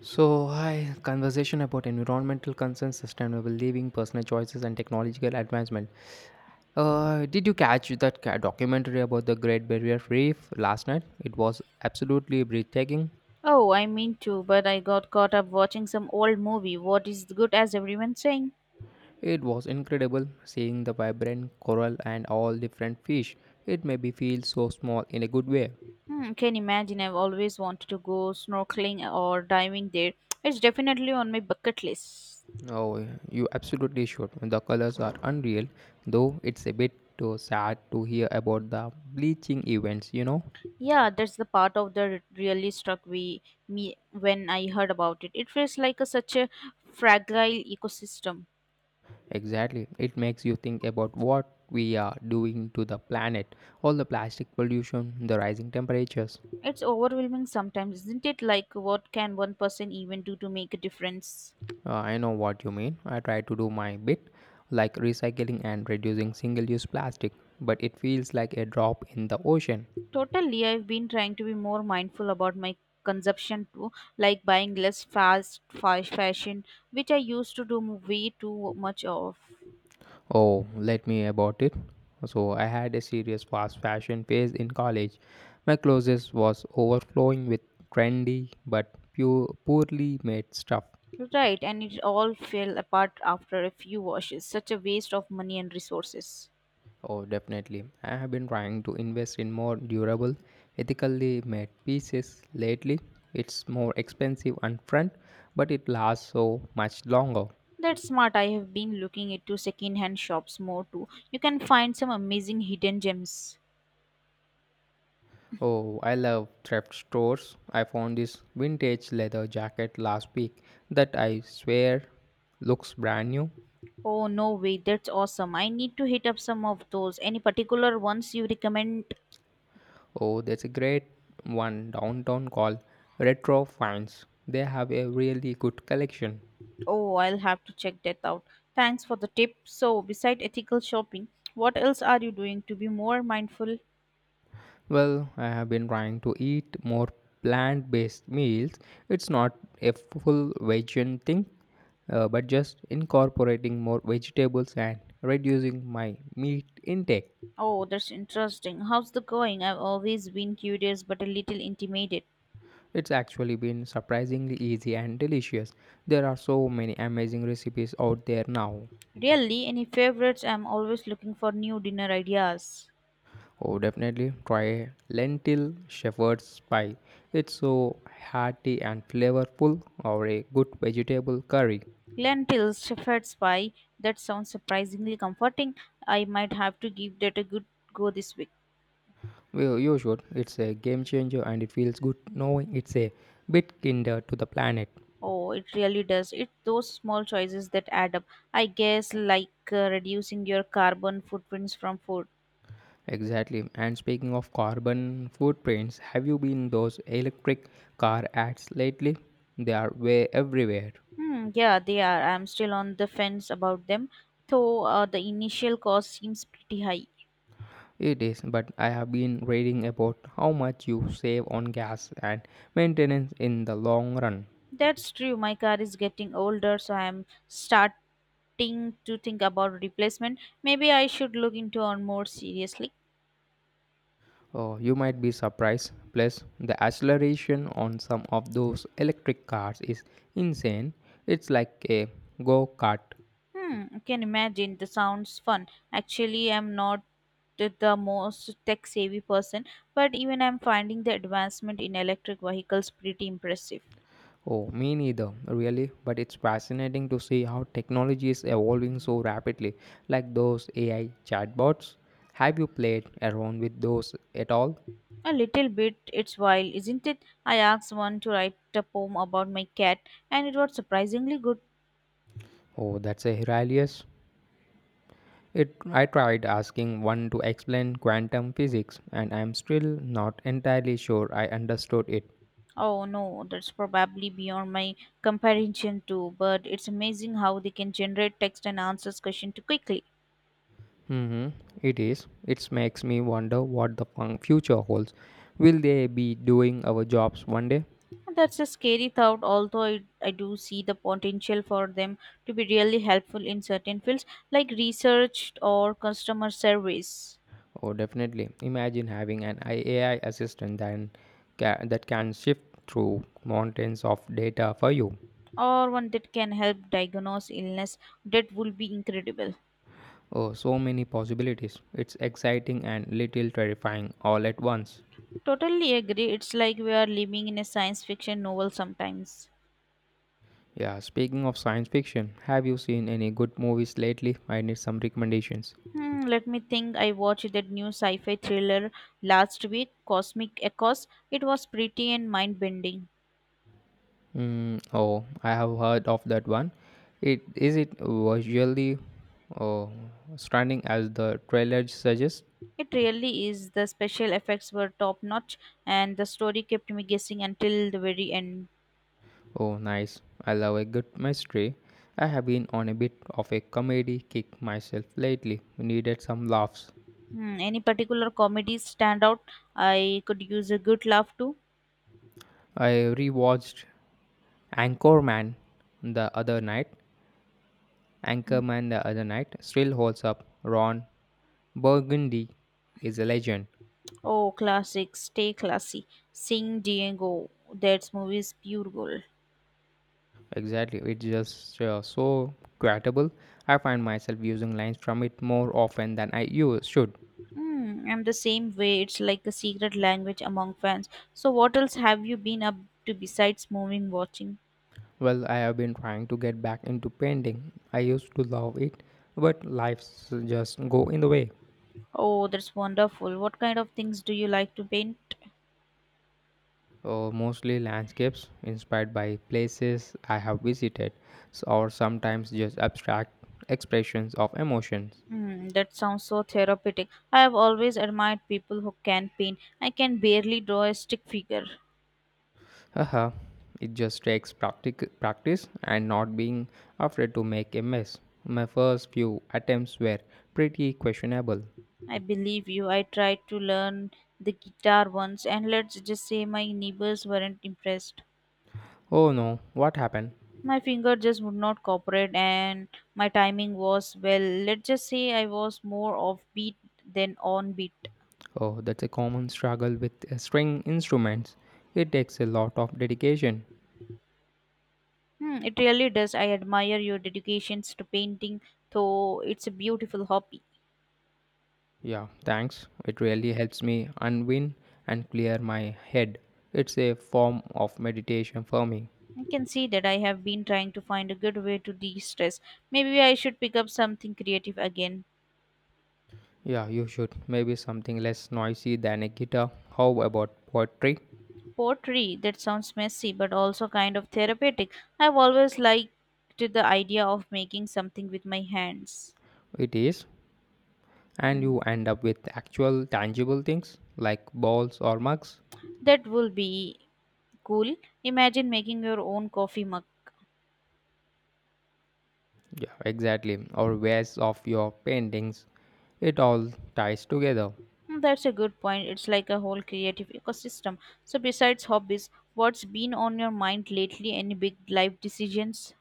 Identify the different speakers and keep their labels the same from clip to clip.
Speaker 1: So, hi, conversation about environmental concerns, sustainable living, personal choices, and technological advancement. Did you catch that documentary about the Great Barrier Reef last night? It was absolutely breathtaking.
Speaker 2: Oh, I mean to, but I got caught up watching some old movie. What is good as everyone's saying?
Speaker 1: It was incredible seeing the vibrant coral and all different fish. It made me feel so small in a good way.
Speaker 2: Hmm, can imagine I've always wanted to go snorkeling or diving there. It's definitely on my bucket list.
Speaker 1: Oh, you absolutely should. The colors are unreal, though it's a bit too sad to hear about the bleaching events.
Speaker 2: Yeah, that's the part of the really struck me when I heard about it. It feels like such a fragile ecosystem.
Speaker 1: Exactly. It makes you think about what we are doing to the planet. All the plastic pollution, the rising temperatures.
Speaker 2: It's overwhelming sometimes, isn't it? Like, what can one person even do to make a difference?
Speaker 1: I know what you mean. I try to do my bit, like recycling and reducing single use plastic, but it feels like a drop in the ocean.
Speaker 2: Totally, I've been trying to be more mindful about my consumption too, like buying less fast fashion, which I used to do way too much of.
Speaker 1: Oh, let me about it. So, I had a serious fast fashion phase in college. My closet was overflowing with trendy but pure, poorly made stuff.
Speaker 2: Right, and it all fell apart after a few washes. Such a waste of money and resources.
Speaker 1: Oh, definitely. I have been trying to invest in more durable, ethically made pieces lately. It's more expensive upfront, but it lasts so much longer.
Speaker 2: That's smart. I have been looking into second-hand shops more too. You can find some amazing hidden gems.
Speaker 1: Oh, I love thrift stores. I found this vintage leather jacket last week that I swear looks brand new.
Speaker 2: Oh no way, that's awesome. I need to hit up some of those. Any particular ones you recommend?
Speaker 1: Oh, there's a great one downtown called Retro Finds. They have a really good collection.
Speaker 2: Oh, I'll have to check that out. Thanks for the tip. So, beside ethical shopping, what else are you doing to be more mindful?
Speaker 1: Well, I have been trying to eat more plant based meals. It's not a full vegan thing, but just incorporating more vegetables and reducing my meat intake.
Speaker 2: Oh, that's interesting. How's the going? I've always been curious but a little intimidated.
Speaker 1: It's actually been surprisingly easy and delicious. There are so many amazing recipes out there now.
Speaker 2: Really, any favorites? I'm always looking for new dinner ideas.
Speaker 1: Oh, definitely try a lentil shepherd's pie. It's so hearty and flavorful, or a good vegetable curry.
Speaker 2: Lentils, shepherd's pie. That sounds surprisingly comforting. I might have to give that a good go this week.
Speaker 1: Well, you should. It's a game changer and it feels good knowing it's a bit kinder to the planet.
Speaker 2: Oh, it really does. It's those small choices that add up. I guess like reducing your carbon footprints from food.
Speaker 1: Exactly. And speaking of carbon footprints, have you been those electric car ads lately? They are way everywhere.
Speaker 2: Hmm, yeah, they are. I'm still on the fence about them, though the initial cost seems pretty high.
Speaker 1: It is, but I have been reading about how much you save on gas and maintenance in the long run.
Speaker 2: That's true. My car is getting older, so I'm starting to think about replacement. Maybe I should look into on more seriously.
Speaker 1: Oh, you might be surprised. Plus, the acceleration on some of those electric cars is insane. It's like a go kart.
Speaker 2: Hmm, I can imagine. The sounds fun. Actually, I'm not the most tech savvy person, but even I'm finding the advancement in electric vehicles pretty impressive.
Speaker 1: Oh, me neither, really. But it's fascinating to see how technology is evolving so rapidly, like those AI chatbots. Have you played around with those at all?
Speaker 2: A little bit, it's wild, isn't it? I asked one to write a poem about my cat, and it was surprisingly good.
Speaker 1: Oh, that's a hilarious. It, I tried asking one to explain quantum physics, and I'm still not entirely sure I understood it.
Speaker 2: Oh no, that's probably beyond my comprehension too, but it's amazing how they can generate text and answers question too quickly.
Speaker 1: Mm-hmm. It is. It makes me wonder what the future holds. Will they be doing our jobs one day?
Speaker 2: And that's a scary thought, although I do see the potential for them to be really helpful in certain fields like research or customer service,
Speaker 1: Oh, definitely. Imagine having an AI assistant that can shift through mountains of data for you.
Speaker 2: or one that can help diagnose illness. That would be incredible.
Speaker 1: Oh, so many possibilities. It's exciting and little terrifying all at once.
Speaker 2: Totally agree. It's like we are living in a science fiction novel sometimes.
Speaker 1: Yeah, speaking of science fiction, have you seen any good movies lately? I need some recommendations.
Speaker 2: Hmm, let me think. I watched that new sci-fi thriller last week, Cosmic Echoes. It was pretty and mind-bending.
Speaker 1: Mm, oh, I have heard of that one. It is it visually oh, stunning as the trailer suggests?
Speaker 2: It really is. The special effects were top notch, and the story kept me guessing until the very end.
Speaker 1: Oh, nice. I love a good mystery. I have been on a bit of a comedy kick myself lately. Needed some laughs.
Speaker 2: Hmm, any particular comedies stand out? I could use a good laugh too.
Speaker 1: I rewatched Anchorman the other night.
Speaker 2: Hmm.
Speaker 1: Anchorman the other night still holds up. Ron Burgundy is a legend.
Speaker 2: Oh, classics. Stay classy. Sing Diego. That's movie's pure gold.
Speaker 1: Exactly. It's just so quotable. I find myself using lines from it more often than I use, should.
Speaker 2: Hmm, I'm the same way. It's like a secret language among fans. So, what else have you been up to besides moving watching?
Speaker 1: Well, I have been trying to get back into painting. I used to love it, but life's just go in the way.
Speaker 2: Oh, that's wonderful. What kind of things do you like to paint?
Speaker 1: Mostly landscapes inspired by places I have visited, or sometimes just abstract expressions of emotions.
Speaker 2: Hmm, that sounds so therapeutic. I have always admired people who can paint. I can barely draw a stick figure.
Speaker 1: Haha, it just takes practice and not being afraid to make a mess. My first few attempts were pretty questionable.
Speaker 2: I believe you. I tried to learn the guitar once, and let's just say my neighbors weren't impressed.
Speaker 1: Oh no, what happened?
Speaker 2: My finger just would not cooperate, and my timing was, well, let's just say I was more offbeat than on beat.
Speaker 1: Oh, that's a common struggle with string instruments. It takes a lot of dedication.
Speaker 2: Hmm, it really does. I admire your dedications to painting, though it's a beautiful hobby.
Speaker 1: Yeah, thanks. It really helps me unwind and clear my head. It's a form of meditation for me.
Speaker 2: I can see that I have been trying to find a good way to de stress. Maybe I should pick up something creative again.
Speaker 1: Yeah, you should. Maybe something less noisy than a guitar. How about poetry?
Speaker 2: Pottery, that sounds messy but also kind of therapeutic. I've always liked the idea of making something with my hands.
Speaker 1: It is. And
Speaker 2: Mm.
Speaker 1: you end up with actual tangible things like balls or mugs.
Speaker 2: That will be cool. Imagine making your own coffee mug.
Speaker 1: Yeah, exactly. Or wares of your paintings. It all ties together.
Speaker 2: Hmm, that's a good point. It's like a whole creative ecosystem. So, besides hobbies, what's been on your mind lately? Any big life decisions?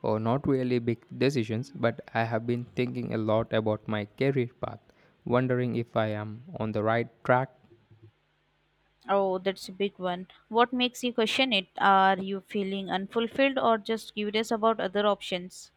Speaker 1: Or not really big decisions, but I have been thinking a lot about my career path, wondering if I am on the right track.
Speaker 2: Oh, that's a big one. What makes you question it? Are you feeling unfulfilled or just curious about other options?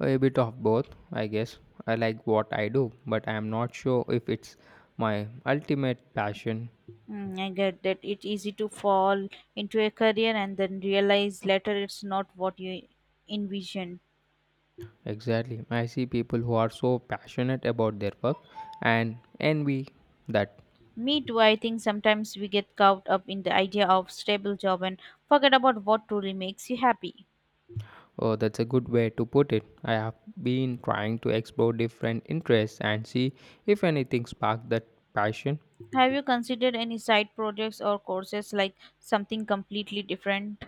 Speaker 1: A bit of both, I guess. I like what I do, but I am not sure if it's my ultimate passion.
Speaker 2: Mm, I get that it's easy to fall into a career and then realize later it's not what you envisioned.
Speaker 1: Exactly. I see people who are so passionate about their work and envy that.
Speaker 2: Me too, I think sometimes we get caught up in the idea of stable job and forget about what truly makes you happy.
Speaker 1: Oh, that's a good way to put it. I have been trying to explore different interests and see if anything sparks that passion.
Speaker 2: Have you considered any side projects or courses like something completely different?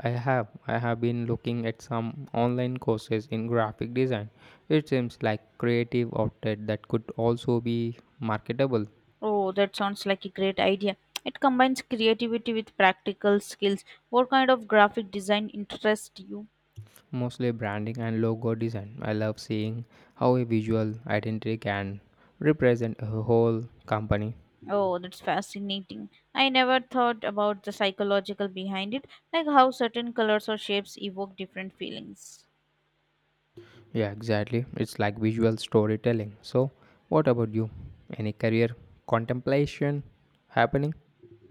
Speaker 1: I have. I have been looking at some online courses in graphic design. It seems like creative outlet that could also be marketable,
Speaker 2: Oh, that sounds like a great idea. It combines creativity with practical skills. What kind of graphic design interests you?
Speaker 1: mostly branding and logo design. I love seeing how a visual identity can represent a whole company.
Speaker 2: Oh, that's fascinating. I never thought about the psychological behind it, like how certain colors or shapes evoke different feelings.
Speaker 1: Yeah, exactly. It's like visual storytelling. So, what about you? Any career contemplation happening?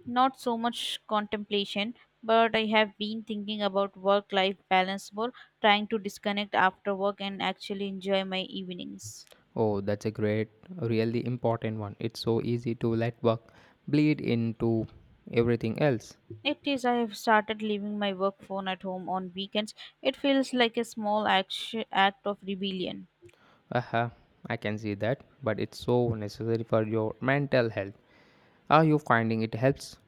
Speaker 2: Not so much contemplation, but I have been thinking about work life balance more, trying to disconnect after work and actually enjoy my evenings.
Speaker 1: Oh, that's a great, really important one. It's so easy to let work bleed into everything else.
Speaker 2: It is. I have started leaving my work phone at home on weekends. It feels like a small act of rebellion.
Speaker 1: Aha, I can see that, but it's so necessary for your mental health. Are you finding it helps?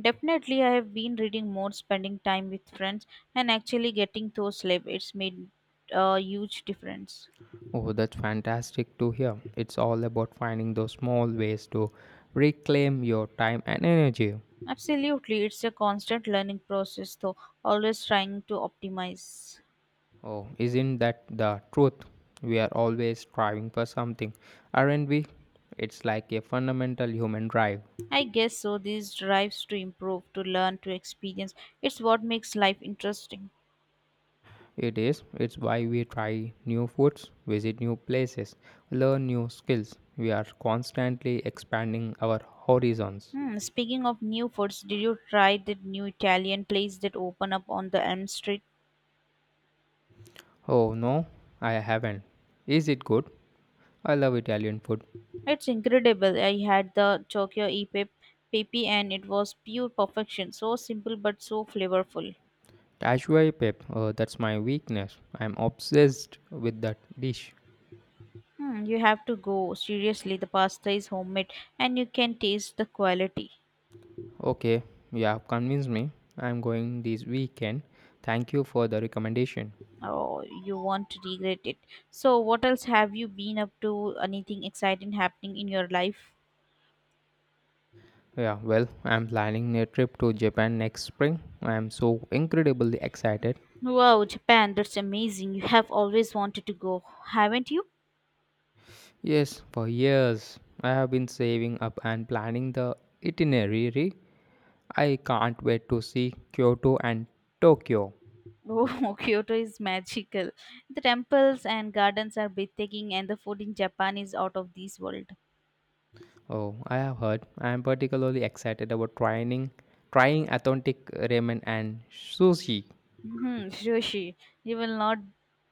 Speaker 2: Definitely, I have been reading more, spending time with friends, and actually getting to sleep. It's made a huge difference.
Speaker 1: Oh, that's fantastic to hear. It's all about finding those small ways to reclaim your time and energy.
Speaker 2: Absolutely, it's a constant learning process, though, always trying to optimize.
Speaker 1: Oh, isn't that the truth? We are always striving for something, aren't we? It's like a fundamental human drive.
Speaker 2: I guess so. These drives to improve, to learn, to experience. It's what makes life interesting.
Speaker 1: It is. It's why we try new foods, visit new places, learn new skills. We are constantly expanding our horizons.
Speaker 2: Hmm, speaking of new foods, did you try that new Italian place that opened up on the Elm Street?
Speaker 1: Oh no, I haven't. Is it good? I love Italian food.
Speaker 2: It's incredible. I had the Tokyo e pepe and it was pure perfection. So simple but so flavorful.
Speaker 1: Cashew pep, that's my weakness. I'm obsessed with that dish.
Speaker 2: Hmm, you have to go. Seriously, the pasta is homemade and you can taste the quality.
Speaker 1: Okay, you have convinced me. I'm going this weekend. Thank you for the recommendation.
Speaker 2: Oh, you won't regret it. So, what else have you been up to? Anything exciting happening in your life?
Speaker 1: Yeah, well, I'm planning a trip to Japan next spring. I'm so incredibly excited.
Speaker 2: Wow, Japan, that's amazing. You have always wanted to go, haven't you?
Speaker 1: Yes, for years I have been saving up and planning the itinerary. I can't wait to see Kyoto and Tokyo.
Speaker 2: Oh, Kyoto is magical. The temples and gardens are breathtaking, and the food in Japan is out of this world.
Speaker 1: Oh, I have heard. I am particularly excited about trying authentic ramen and sushi.
Speaker 2: Hmm, sushi. You will not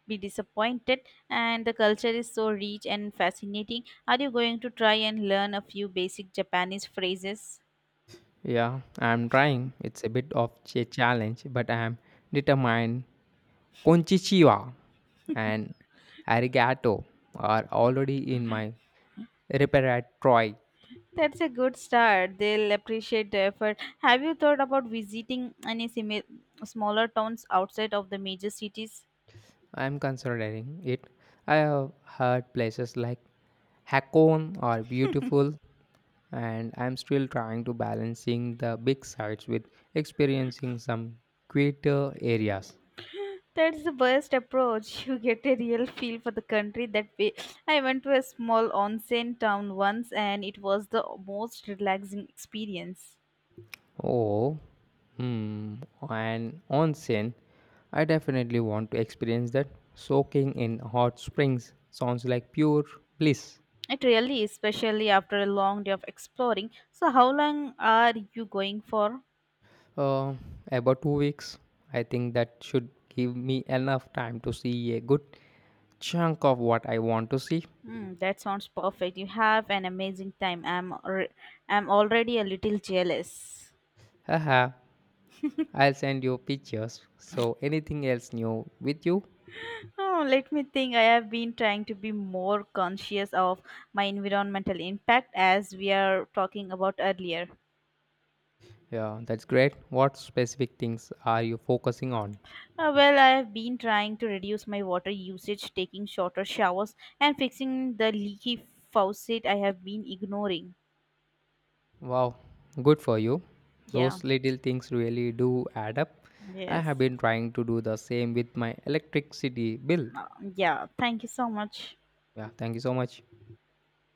Speaker 2: be disappointed, and the culture is so rich and fascinating. Are you going to try and learn a few basic Japanese phrases?
Speaker 1: Yeah, I am trying. It's a bit of a challenge, but I am determined. Konchichiwa and arigato are already in
Speaker 2: Okay.
Speaker 1: my repertoire.
Speaker 2: That's a good start. They'll appreciate the effort. Have you thought about visiting any smaller towns outside of the major cities?
Speaker 1: I'm considering it. I have heard places like Hakone are beautiful, and I'm still trying to balancing the big sites with experiencing some quieter areas.
Speaker 2: That's the best approach. You get a real feel for the country that way. I went to a small onsen town once and it was the most relaxing experience.
Speaker 1: Oh, hmm, and onsen. I definitely want to experience that. Soaking in hot springs sounds like pure bliss.
Speaker 2: It really is, especially after a long day of exploring. So, how long are you going for?
Speaker 1: Uh, about two weeks. I think that should give me enough time to see a good chunk of what I want to see.
Speaker 2: Hmm, that sounds perfect. You have an amazing time. I'm already a little jealous.
Speaker 1: Haha, I'll send you pictures. So, anything else new with you?
Speaker 2: Oh, let me think. I have been trying to be more conscious of my environmental impact as we are talking about earlier.
Speaker 1: Yeah, that's great. What specific things are you focusing on?
Speaker 2: Well, I've been trying to reduce my water usage, taking shorter showers, and fixing the leaky faucet I have been ignoring.
Speaker 1: Wow, good for you.
Speaker 2: Yeah,
Speaker 1: Those little things really do add up. I
Speaker 2: yes.
Speaker 1: have been trying to do the same with my electricity bill.
Speaker 2: Uh, yeah, thank you so much.
Speaker 1: Yeah, thank you so much.